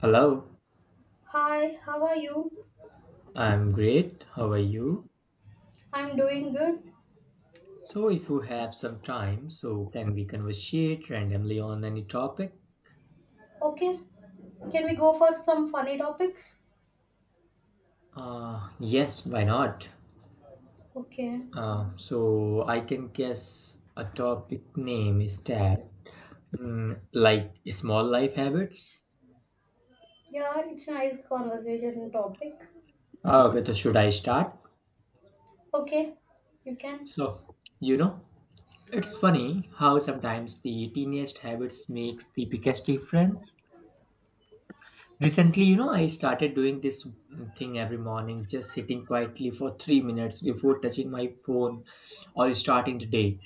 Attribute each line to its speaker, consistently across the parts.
Speaker 1: Hello,
Speaker 2: Hi, how are you?
Speaker 1: I'm great. How are you?
Speaker 2: I'm doing good.
Speaker 1: If you have some time, can we conversate randomly on any topic?
Speaker 2: Okay, can we go for some funny topics?
Speaker 1: Yes, why not?
Speaker 2: Okay.
Speaker 1: So I can guess a topic name is like small life habits.
Speaker 2: Yeah, it's a nice conversation topic.
Speaker 1: With should I start?
Speaker 2: Okay, you can.
Speaker 1: So, you know, it's funny how sometimes the tiniest habits makes the biggest difference. Recently, I started doing this thing every morning, just sitting quietly for 3 minutes before touching my phone or starting the day.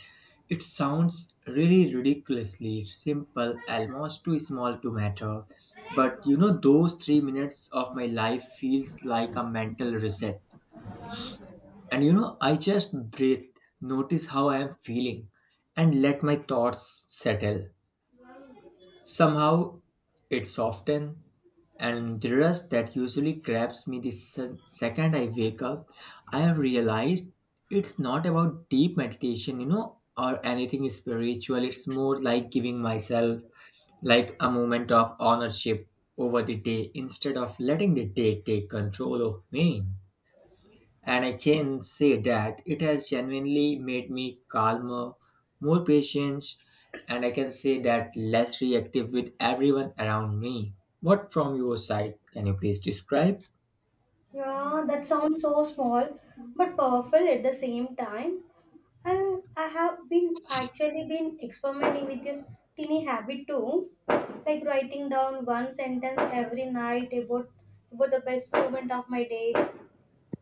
Speaker 1: It sounds really ridiculously simple, almost too small to matter. But those 3 minutes of my life feels like a mental reset. And I just breathe, notice how I am feeling, and let my thoughts settle. Somehow it often and the rush that usually grabs me the second I wake up, I have realized it's not about deep meditation, or anything spiritual. It's more like giving myself like a moment of ownership over the day instead of letting the day take control of me. And I can say that it has genuinely made me calmer, more patient, and I can say that less reactive with everyone around me. What from your side can you please describe?
Speaker 2: Yeah, that sounds so small but powerful at the same time. And I have been actually been experimenting with a teeny habit too, like writing down one sentence every night about the best moment of my day.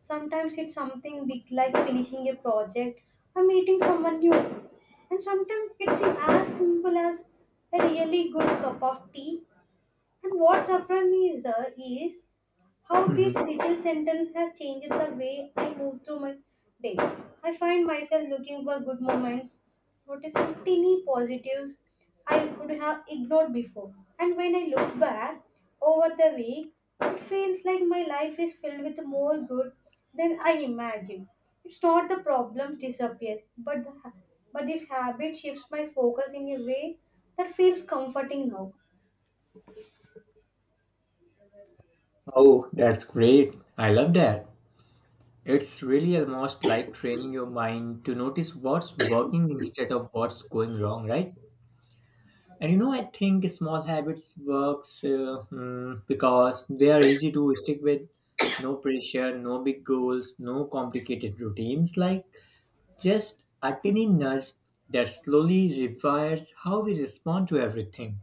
Speaker 2: Sometimes it's something big like finishing a project or meeting someone new. And sometimes it's as simple as a really good cup of tea. And what surprised me is the is how
Speaker 1: Hmm.
Speaker 2: this little sentence has changed the way I move through my day. I find myself looking for good moments, noticing tiny positives I would have ignored before. And when I look back over the week, it feels like my life is filled with more good than I imagined. It's not the problems disappear, but this habit shifts my focus in a way that feels comforting now.
Speaker 1: Oh, that's great. I love that. It's really almost like training your mind to notice what's working instead of what's going wrong, right? And I think small habits works because they are easy to stick with. No pressure, no big goals, no complicated routines. Like just a tiny nudge that slowly rewires how we respond to everything.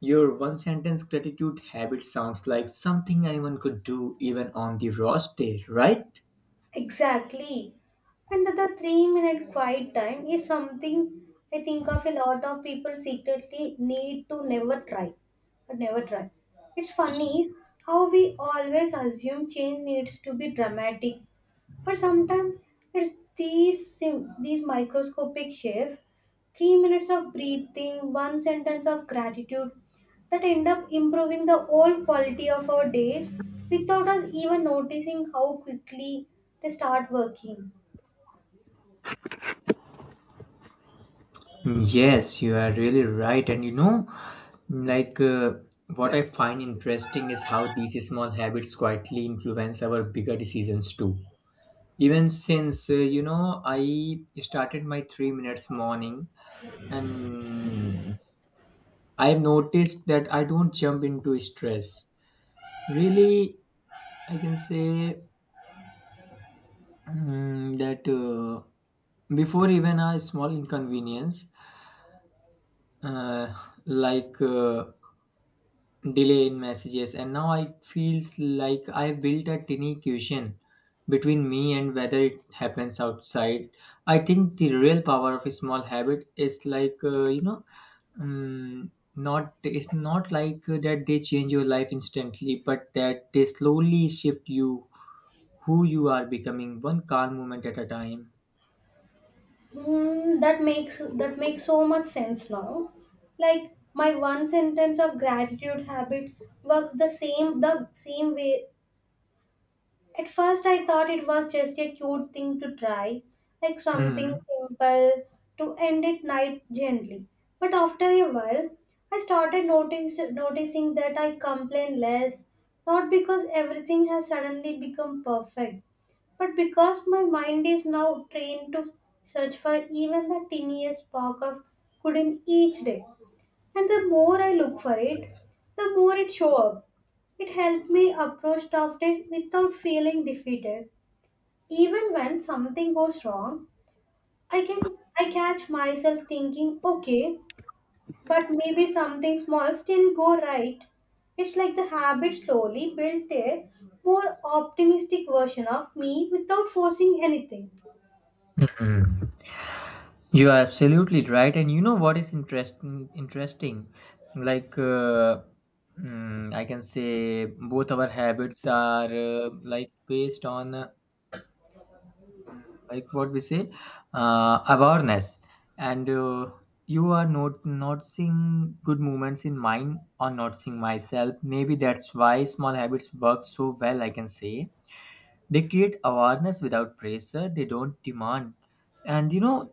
Speaker 1: Your one sentence gratitude habit sounds like something anyone could do even on the worst day, right?
Speaker 2: Exactly. And the 3-minute quiet time is something I think of a lot of people secretly need to never try. But never try. It's funny how we always assume change needs to be dramatic, but sometimes it's these microscopic shifts, 3 minutes of breathing, one sentence of gratitude, that end up improving the whole quality of our days without us even noticing how quickly they start working.
Speaker 1: Yes, you are really right. And you know, Like, What I find interesting is how these small habits quietly influence our bigger decisions too. Even since I started my 3 minutes morning and I've noticed that I don't jump into stress. Really, I can say mm, that before even a small inconvenience, uh, like, uh, delay in messages, and now I feels like I've built a tiny cushion between me and whether it happens outside. I think the real power of a small habit is like you know not it's not like that they change your life instantly, but that they slowly shift you who you are becoming one calm moment at a time.
Speaker 2: That makes so much sense now. Like my one sentence of gratitude habit works the same way. At first, I thought it was just a cute thing to try, like something
Speaker 1: Mhm.
Speaker 2: simple to end at night gently. But after a while, I started noticing that I complain less, not because everything has suddenly become perfect, but because my mind is now trained to search for even the tiniest spark of good in each day. And the more I look for it, the more it show up. It helped me approach tough days without feeling defeated, even when something goes wrong. I can i catch myself thinking, okay, but maybe something small still go right. It's like the habit slowly built a more optimistic version of me without forcing anything.
Speaker 1: Hmm. You are absolutely right, and you know what is interesting, like uh, I can say, both our habits are like based on mm, like what we say awareness, and you are not noticing good movements in mine or noticing myself. Maybe that's why small habits work so well. I can say they create awareness without pressure. They don't demand, and you know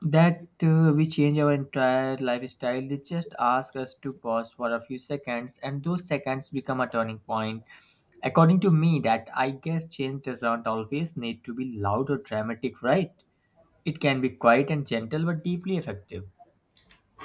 Speaker 1: that we change our entire lifestyle. They just ask us to pause for a few seconds, and those seconds become a turning point. According to me, that I guess change doesn't always need to be loud or dramatic, right? It can be quiet and gentle, but deeply effective.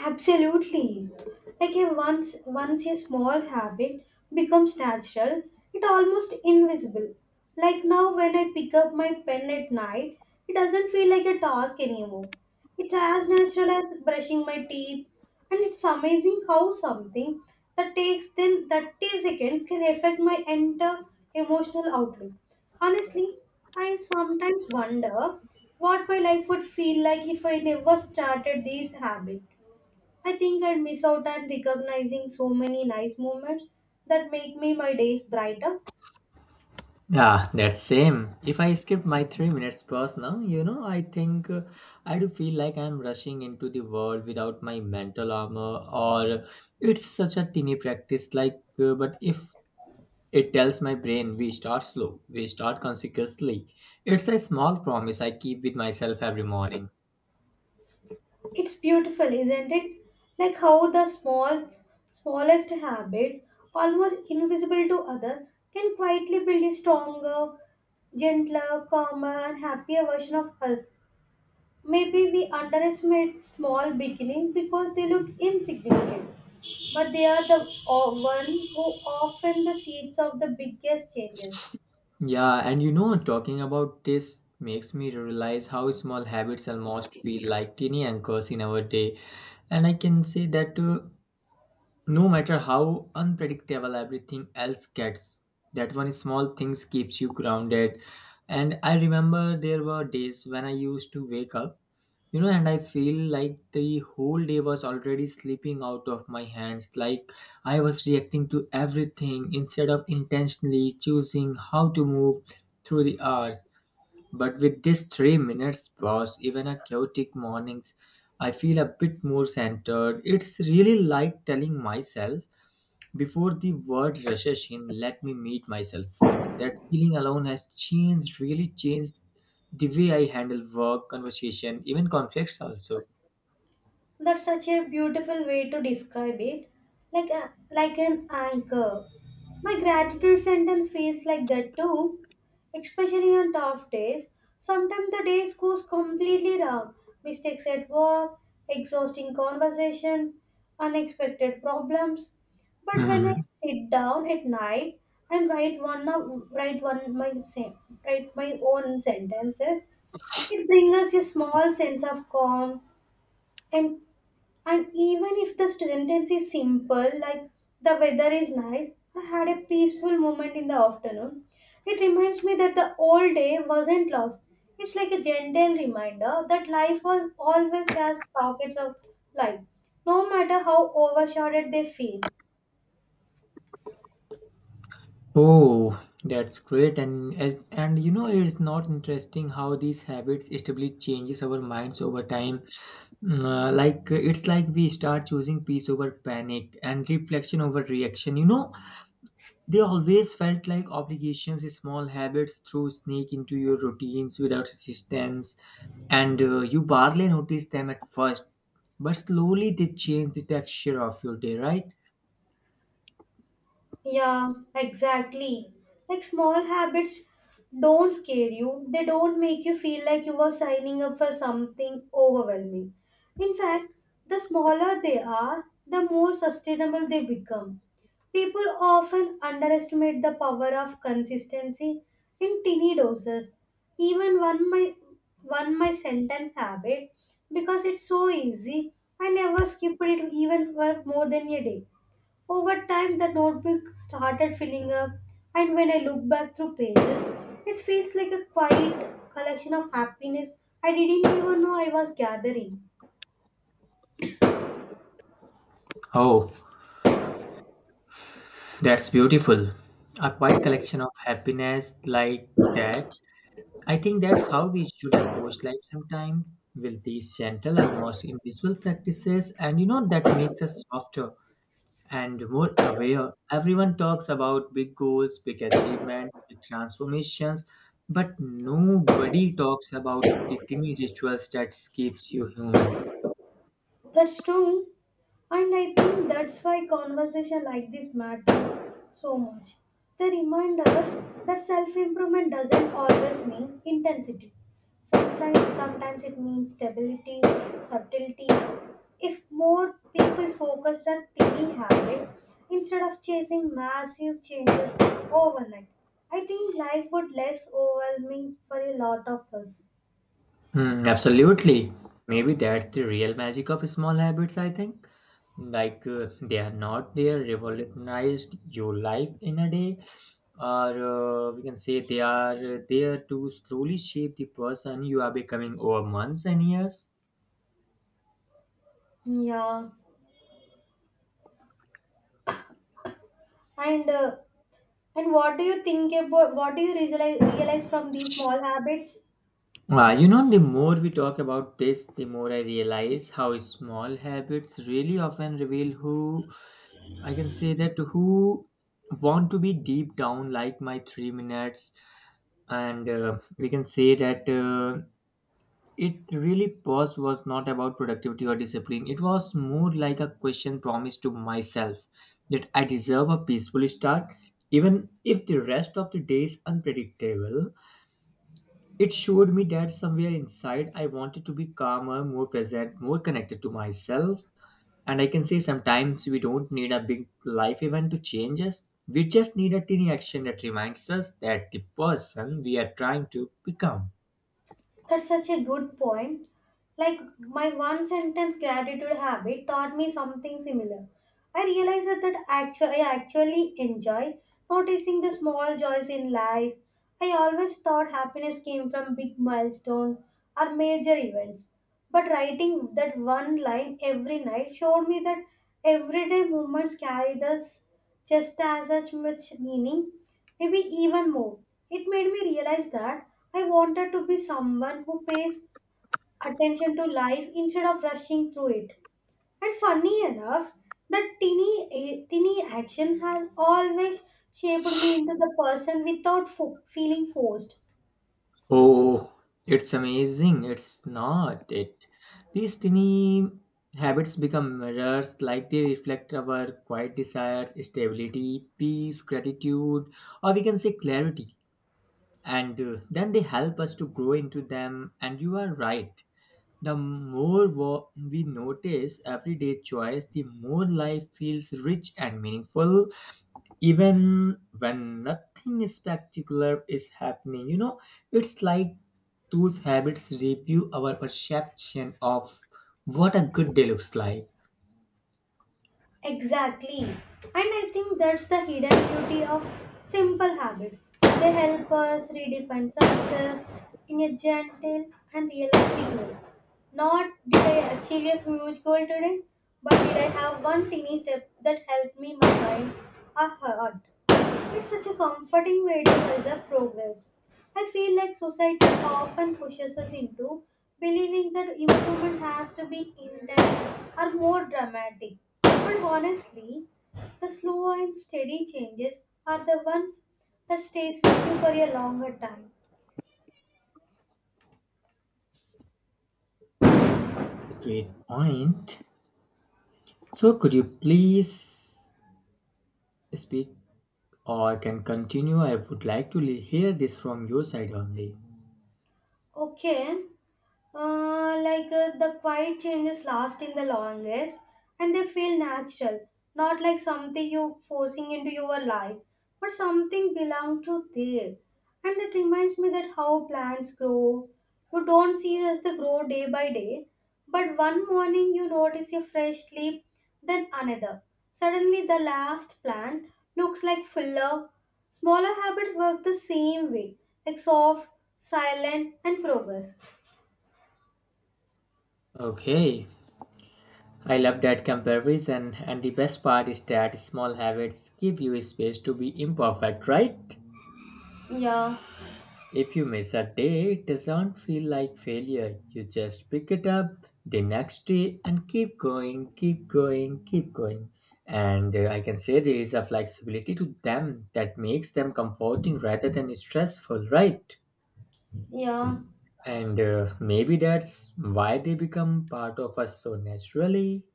Speaker 2: Absolutely. Like a once once a small habit becomes natural, it almost invisible. Like now when I pick up my pen at night, it doesn't feel like a task anymore. It's as natural as brushing my teeth, and it's amazing how something that takes then 30 seconds can affect my entire emotional outlook. Honestly, I sometimes wonder what my life would feel like if I never started this habit. I think I'd miss out on recognizing so many nice moments that make me my days brighter.
Speaker 1: Yeah, that's same. If I skip my 3 minutes pause now, I think I do feel like I'm rushing into the world without my mental armor, or it's such a tiny practice. But if it tells my brain we start slow, we start consequently, it's a small promise I keep with myself every morning.
Speaker 2: It's beautiful, isn't it? Like how the small, smallest habits, almost invisible to others, can quietly build a stronger, gentler, calmer, and happier version of us. Maybe we underestimate small beginnings because they look insignificant, but they are one who often the seeds of the biggest changes.
Speaker 1: Yeah, and talking about this makes me realize how small habits almost feel like tiny anchors in our day. And I can say that. No matter how unpredictable everything else gets, that one small things keeps you grounded. And I remember there were days when I used to wake up, and I feel like the whole day was already slipping out of my hands. Like I was reacting to everything instead of intentionally choosing how to move through the hours. But with this 3 minutes pause, even a chaotic mornings, I feel a bit more centered. It's really like telling myself before the world rushes in, let me meet myself first. That feeling alone has really changed the way I handle work, conversation, even conflicts also.
Speaker 2: That's such a beautiful way to describe it, like like an anchor. My gratitude sentence feels like that too, especially on tough days. Sometimes the day goes completely wrong. Mistakes at work, exhausting conversation, unexpected problems. But when I
Speaker 1: Hmm.
Speaker 2: sit down at night and write one of, write one my sen- write my own sentences, it brings us a small sense of calm, and and even if the sentence is simple, like the weather is nice, I had a peaceful moment in the afternoon, it reminds me that the old day wasn't lost. It's like a gentle reminder that life was always has pockets of light, no matter how overshadowed they feel.
Speaker 1: Oh, that's great. And as and it's not interesting how these habits stably changes our minds over time. It's like we start choosing peace over panic and reflection over reaction. They always felt like obligations, small habits through snake into your routines without resistance, and you barely noticed them at first, but slowly they change the texture of your day, right?
Speaker 2: Yeah, exactly. Like small habits don't scare you, they don't make you feel like you are signing up for something overwhelming. In fact, the smaller they are, the more sustainable they become. People often underestimate the power of consistency in teeny doses. Even one my sentence habit, because it's so easy. I never skipped it even for more than a day. Over time, the notebook started filling up, and when I look back through pages, it feels like a quiet collection of happiness I didn't even know I was gathering.
Speaker 1: Oh, that's beautiful. A quiet collection of happiness like that. I think that's how we should approach life sometimes with these gentle, almost invisible practices, and you know that makes us softer, and more aware. Everyone talks about big goals, big achievements, big transformations, but nobody talks about the tiny rituals that keeps you human.
Speaker 2: That's true. And I think that's why conversation like this matter so much. They remind us that self-improvement doesn't always mean intensity. Sometimes, it means stability, subtlety. If more people focused on daily habit instead of chasing massive changes overnight, I think life would less overwhelming for a lot of us.
Speaker 1: Hmm, absolutely. Maybe that's the real magic of small habits, I think. They are not there, revolutionized your life in a day, or we can say they are there to slowly shape the person you are becoming over months and years.
Speaker 2: Yeah, and uh, And what do you realize from these small habits?
Speaker 1: The more we talk about this, the more I realize how small habits really often reveal who I can say that who want to be deep down, like my 3 minutes. And We can say that it really pause was not about productivity or discipline, it was more like a question promise to myself that I deserve a peaceful start, even if the rest of the day is unpredictable. It showed me that somewhere inside I wanted to be calmer, more present, more connected to myself. And I can say sometimes we don't need a big life event to change us. We just need a tiny action that reminds us that the person we are trying to become.
Speaker 2: That's such a good point. Like my one sentence gratitude habit taught me something similar. I realized that I actually enjoy noticing the small joys in life. I always thought happiness came from big milestones or major events. But writing that one line every night showed me that everyday moments carry this just as such much meaning, maybe even more. It made me realize that I wanted to be someone who pays attention to life instead of rushing through it. And funny enough, that teeny, teeny action has always shaped me into the person without feeling forced.
Speaker 1: Oh, it's amazing. It's not it. These tiny habits become mirrors, like they reflect our quiet desires, stability, peace, gratitude, or we can say clarity. And then they help us to grow into them, and you are right, the more we notice everyday joys, the more life feels rich and meaningful, even when nothing spectacular is happening. You know, it's like those habits review our perception of what a good day looks like.
Speaker 2: Exactly. And I think that's the hidden beauty of simple habits. They help us redefine success in a gentle and realistic way. Not did I achieve a huge goal today, but did I have one teeny step that helped me, my mind, a heart. It's such a comforting way to measure progress. I feel like society often pushes us into believing that improvement has to be intense or more dramatic. But honestly, the slow and steady changes are the ones that stays with you for a longer time.
Speaker 1: It's a great point. So, could you please speak or can continue. I would like to hear this from your side only.
Speaker 2: Okay. Like the quiet changes last in the longest, and they feel natural, not like something you forcing into your life, but something belong to there. And that reminds me that how plants grow. You don't see as they grow day by day, but one morning you notice a fresh leaf, then another. Suddenly the last plant looks like fuller. Smaller habits work the same way, like soft, silent and progress.
Speaker 1: Okay, I love that comparison, and the best part is that small habits give you space to be imperfect, right?
Speaker 2: Yeah,
Speaker 1: If you miss a day, it doesn't feel like failure. You just pick it up the next day and keep going. And I can say there is a flexibility to them that makes them comforting rather than stressful, right?
Speaker 2: yeah,
Speaker 1: And maybe that's why they become part of us so naturally.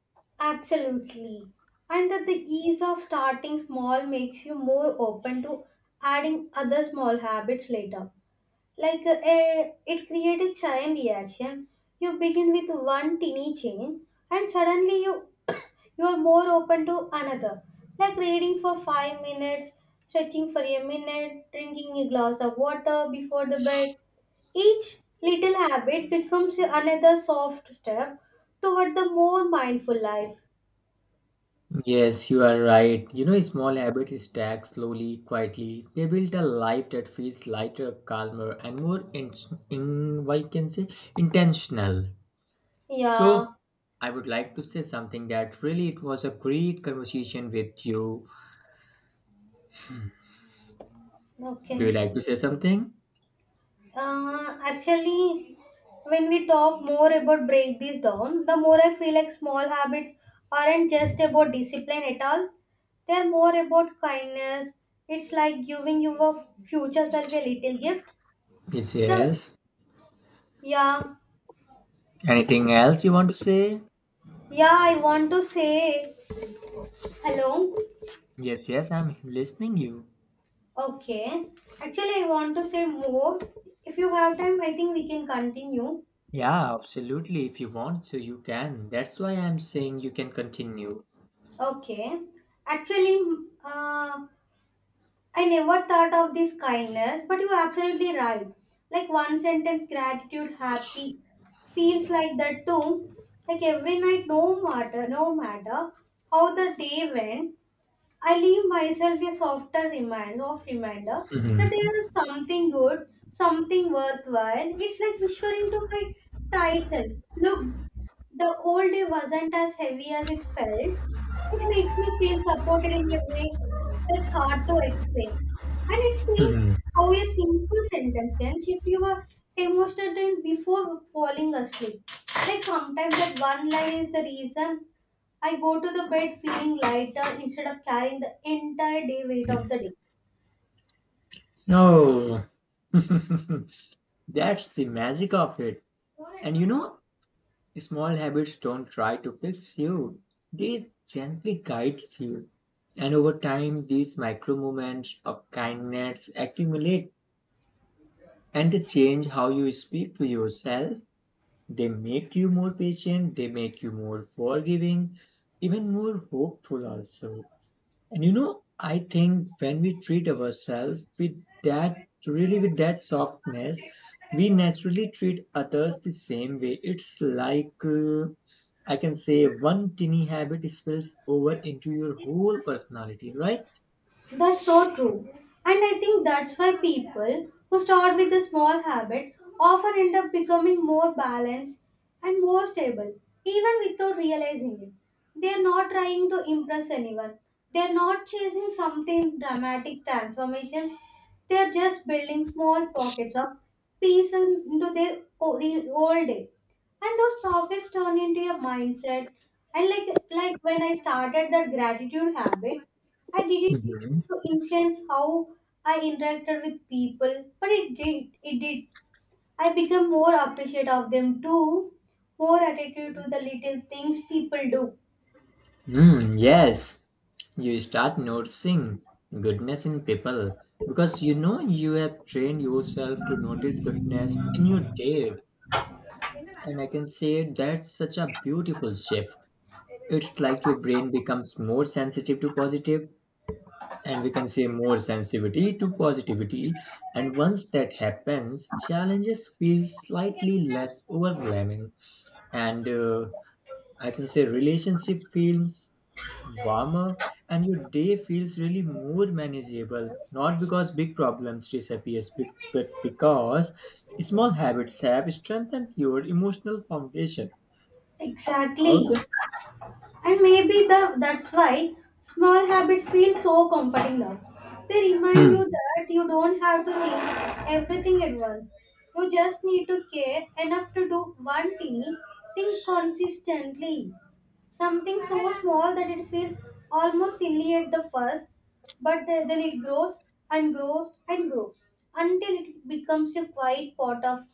Speaker 2: absolutely. And that the ease of starting small makes you more open to adding other small habits later. Like it created chain reaction. You begin with one tiny change, and suddenly you you are more open to another. Like reading for 5 minutes, stretching for a minute, drinking a glass of water before the bed. Each little habit becomes another soft step toward the more mindful life.
Speaker 1: Yes, you are right. You know, small habits stack slowly, quietly. They build a life that feels lighter, calmer, and more in what you can say, intentional. So,
Speaker 2: Yeah.
Speaker 1: I would like to say something that really it was a great conversation with you. Do you
Speaker 2: Okay.
Speaker 1: like to say something?
Speaker 2: Actually, when we talk more about break this down, the more I feel like small habits aren't just about discipline at all. They're more about kindness. It's like giving your future self a little gift.
Speaker 1: Yes,
Speaker 2: The
Speaker 1: yes.
Speaker 2: yeah,
Speaker 1: Anything else you want to say?
Speaker 2: yeah, I want to say hello.
Speaker 1: Yes, yes, I'm listening you.
Speaker 2: Okay. Actually, I want to say more. If you have time, I think we can continue.
Speaker 1: Yeah, absolutely. If you want to, you can. That's why I'm saying you can continue.
Speaker 2: Okay. Actually, uh, I never thought of this kindness, but you're absolutely right. Like one sentence, gratitude, happy, feels like that too. Like every night, no matter how the day went, I leave myself a softer reminder of reminder that
Speaker 1: Mhm.
Speaker 2: there is something good, something worthwhile. It's like whispering to my tired self, look, the old day wasn't as heavy as it felt. It makes me feel supported in a way that's hard to explain. And it's strange
Speaker 1: Mhm.
Speaker 2: how a simple sentence can shift your emotional tone before falling asleep. Like sometimes that one line is the reason I go to the bed feeling lighter instead of carrying the entire day weight of the day.
Speaker 1: Oh, that's the magic of it. And you know, small habits don't try to fix you, they gently guide you. And over time, these micro moments of kindness accumulate and they change how you speak to yourself. They make you more patient, they make you more forgiving, even more hopeful, also. And you know, I think when we treat ourselves with that, really with that softness, we naturally treat others the same way. It's like, I can say, one tiny habit spills over into your whole personality, right?
Speaker 2: That's so true. And I think that's why people who start with the small habits often end up becoming more balanced and more stable, even without realizing it. They're not trying to impress anyone, they're not chasing something dramatic transformation, they're just building small pockets of peace into their whole day. And those pockets turn into a mindset. And like when I started that gratitude habit. I didn't
Speaker 1: Mhm.
Speaker 2: expect to influence how I interacted with people, but it did. It did. I became more appreciative of them too, more attentive to the little things people do.
Speaker 1: Mm, yes, you start noticing goodness in people because you know you have trained yourself to notice goodness in your day. And I can say that's such a beautiful shift. It's like your brain becomes more sensitive to positive, and we can say more sensitivity to positivity. And once that happens, challenges feel slightly less overwhelming. And I can say relationship feels warmer, and your day feels really more manageable. Not because big problems disappear, but because small habits have strengthened your emotional foundation.
Speaker 2: Exactly.
Speaker 1: Okay.
Speaker 2: And maybe the that's why small habits feel so comforting now. They remind
Speaker 1: Hmm.
Speaker 2: you that you don't have to change everything at once. You just need to care enough to do one teeny thing consistently. Something so small that it feels almost silly at the first, but then it grows and grows and grows until it becomes a quiet part of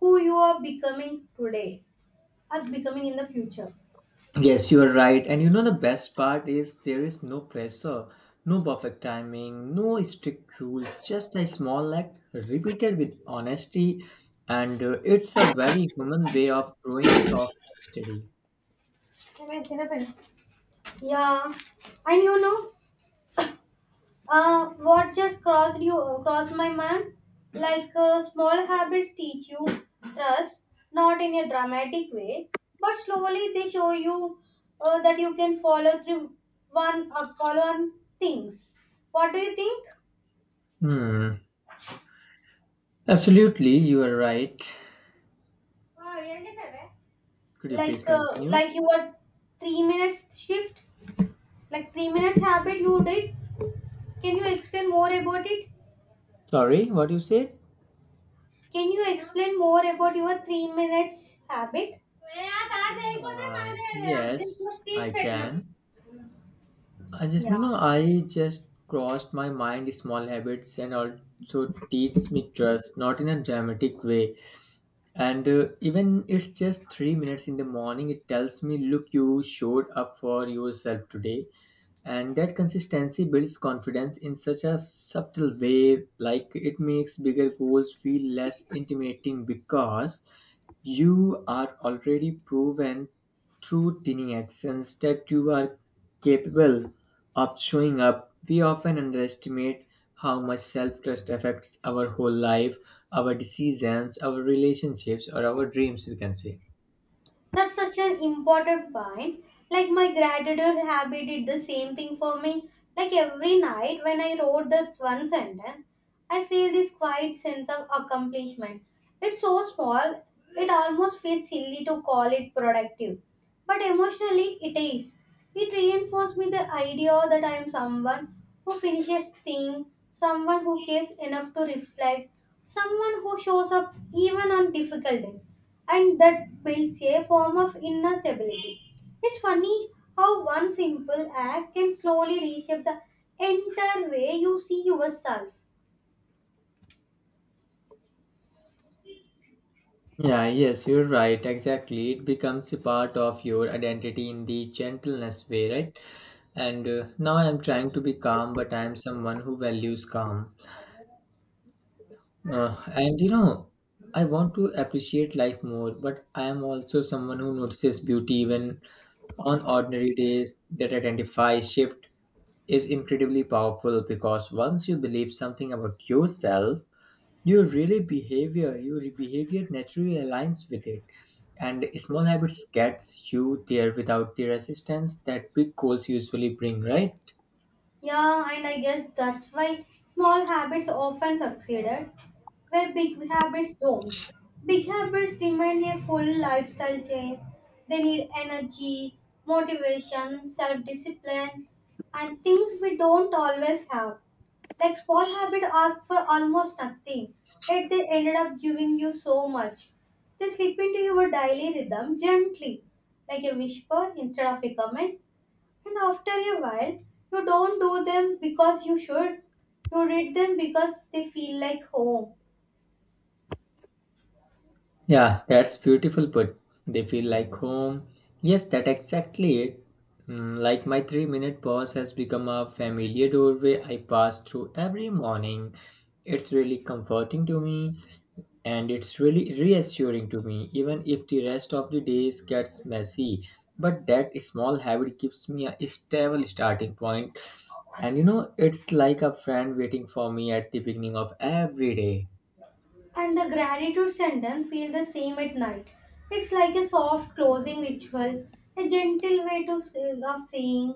Speaker 2: who you are becoming today or becoming in the future.
Speaker 1: Yes, you are right. And you know, the best part is there is no pressure, no perfect timing, no strict rules, just a small act repeated with honesty. And it's a very human way of growing soft and steady.
Speaker 2: Yeah, and what just crossed my mind? Small habits teach you trust, not in a dramatic way, but slowly they show you that you can follow through one follow on things. What do you think?
Speaker 1: Hmm. Absolutely, you are right. Could you please
Speaker 2: Like uh,
Speaker 1: continue?
Speaker 2: like your 3 minutes shift, like 3 minutes habit you did. Can you explain more about it?
Speaker 1: Sorry, what you said?
Speaker 2: Can you explain more about your 3 minutes habit?
Speaker 1: Yes, I can. I just,
Speaker 2: Yeah.
Speaker 1: you know, I just crossed my mind small habits and also teach me trust, not in a dramatic way. And Even it's just 3 minutes in the morning, it tells me, look, you showed up for yourself today and that consistency builds confidence in such a subtle way, like it makes bigger goals feel less intimidating because you are already proven through tiny actions that you are capable of showing up. We often underestimate how much self trust affects our whole life, our decisions, our relationships, or our dreams, we can say.
Speaker 2: That's such an important point. Like my gratitude habit did the same thing for me. Like every night when I wrote that one sentence, I feel this quiet sense of accomplishment. It's so small, it almost feels silly to call it productive. But emotionally, it is. It reinforced me the idea that I am someone who finishes things, someone who cares enough to reflect, someone who shows up even on difficult days, and that builds a form of inner stability. It's funny how one simple act can slowly reshape the entire way you see yourself.
Speaker 1: Yeah, yes, you're right. Exactly. It becomes a part of your identity in the gentleness way, right? And Now I'm trying to be calm, but I'm someone who values calm. And you know, I want to appreciate life more, but I am also someone who notices beauty even on ordinary days. That identify shift is incredibly powerful because once you believe something about yourself, your behavior naturally aligns with it, and small habits gets you there without the resistance that big goals usually bring, right?
Speaker 2: Yeah, and I guess that's why small habits often succeeded, where big habits don't. Big habits demand a full lifestyle change. They need energy, motivation, self discipline, and things we don't always have. Like small habit asked for almost nothing, yet they ended up giving you so much. They slip into your daily rhythm gently, like a whisper instead of a comment. And after a while, you don't do them because you should. You read them because they feel like home.
Speaker 1: Yeah, that's beautiful. But they feel like home, yes, that exactly it. Mm, like my 3 minute pause has become a familiar doorway I pass through every morning. It's really comforting to me, and it's really reassuring to me even if the rest of the days gets messy, but that small habit gives me a stable starting point. And you know, it's like a friend waiting for me at the beginning of every day.
Speaker 2: And the gratitude sentence feel the same at night. It's like a soft closing ritual, a gentle way to say, of saying,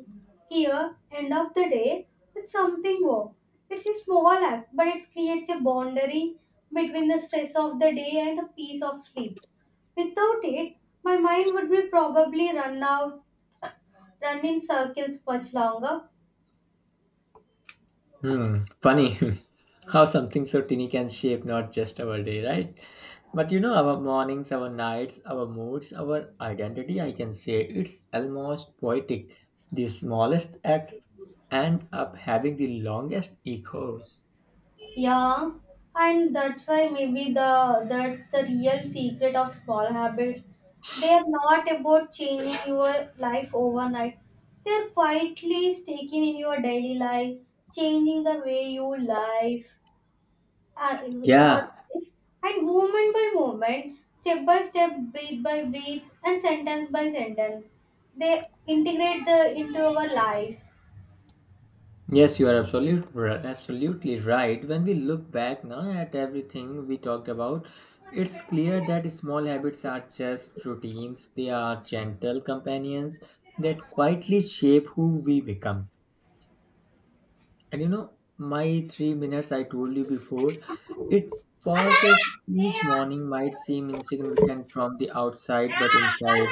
Speaker 2: here, end of the day, with something warm. It's a small act, but it creates a boundary between the stress of the day and the peace of sleep. Without it, my mind would be probably run in circles much longer.
Speaker 1: Hmm, funny how something so tiny can shape not just our day, right? But you know, our mornings, our nights, our moods, our identity, I can say it's almost poetic. The smallest acts end up having the longest echoes.
Speaker 2: Yeah, and that's why maybe the that's the real secret of small habits. They are not about changing your life overnight. They are quietly sticking in your daily life, changing the way you live, uh, your
Speaker 1: Yeah.
Speaker 2: life, and moment by moment, step by step, breathe by breathe, and sentence by sentence. They integrate the into our lives.
Speaker 1: Yes, you are absolute, ri- Absolutely right. When we look back now at everything we talked about, it's clear that small habits are just routines. They are gentle companions that quietly shape who we become. And you know, my 3 minutes I told you before, it pauses each morning might seem insignificant from the outside, but inside.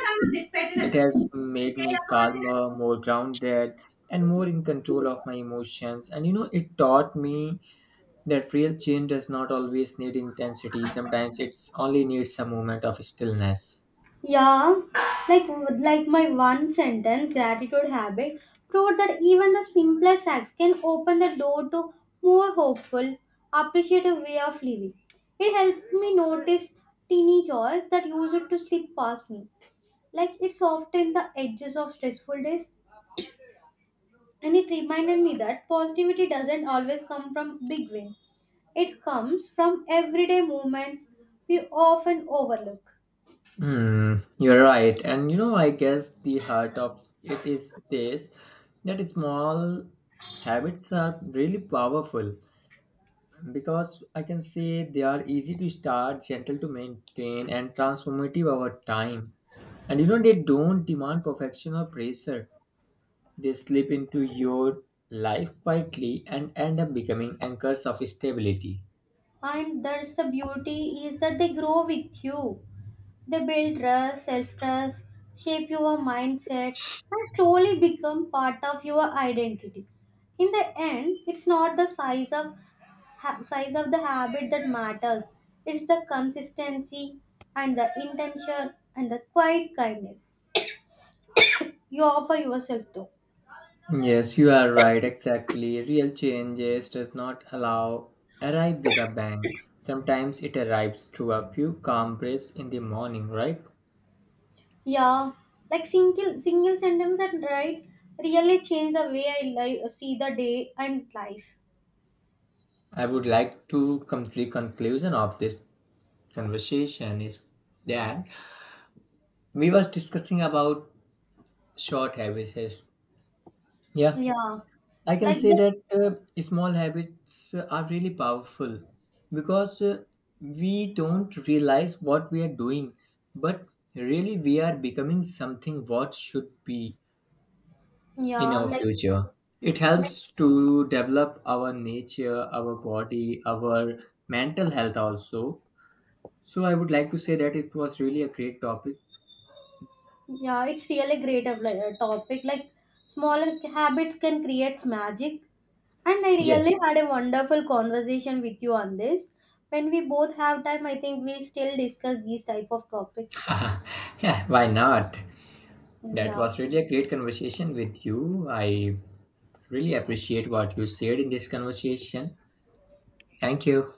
Speaker 1: It has made me calmer, more grounded, and more in control of my emotions. And you know, it taught me that real change does not always need intensity. Sometimes it's only needs a moment of stillness.
Speaker 2: Yeah, like like my one sentence gratitude habit proved that even the simplest acts can open the door to more hopeful, appreciative way of living. It helped me notice teeny joys that used to slip past me, like it's often the edges of stressful days. And it reminded me that positivity doesn't always come from big wins. It comes from everyday moments we often overlook.
Speaker 1: Hmm, you're right. And you know, I guess the heart of it is this, that small habits are really powerful because I can say they are easy to start, gentle to maintain, and transformative over time. And you know, they don't demand perfection or pressure. They slip into your life quietly and end up becoming anchors of stability.
Speaker 2: And that's the beauty is that they grow with you. They build trust, self-trust, shape your mindset, and slowly become part of your identity. In the end, it's not the size of the habit that matters. It's the consistency and the intention and the quiet kindness you offer yourself to.
Speaker 1: Yes, you are right, exactly. Real changes does not allow arrive with a bang. Sometimes it arrives through a few calm breaths in the morning, right?
Speaker 2: Yeah, like single sentence and right really change the way I see the day and life.
Speaker 1: I would like to complete conclusion of this conversation is that we was discussing about short habits. Yeah,
Speaker 2: Yeah,
Speaker 1: I can
Speaker 2: like
Speaker 1: say
Speaker 2: the
Speaker 1: that small habits are really powerful because we don't realize what we are doing, but really we are becoming something what should be in
Speaker 2: yeah,
Speaker 1: our
Speaker 2: like
Speaker 1: future. It
Speaker 2: like
Speaker 1: helps to develop our nature, our body, our mental health also. So I would like to say that it was really a great topic.
Speaker 2: yeah, it's really great of topic. Like smaller habits can create magic, and I really
Speaker 1: Yes.
Speaker 2: had a wonderful conversation with you on this. When we both have time, I think we still discuss these type of topics.
Speaker 1: Yeah, why not? That
Speaker 2: Yeah.
Speaker 1: was really a great conversation with you. I really appreciate what you said in this conversation. Thank you.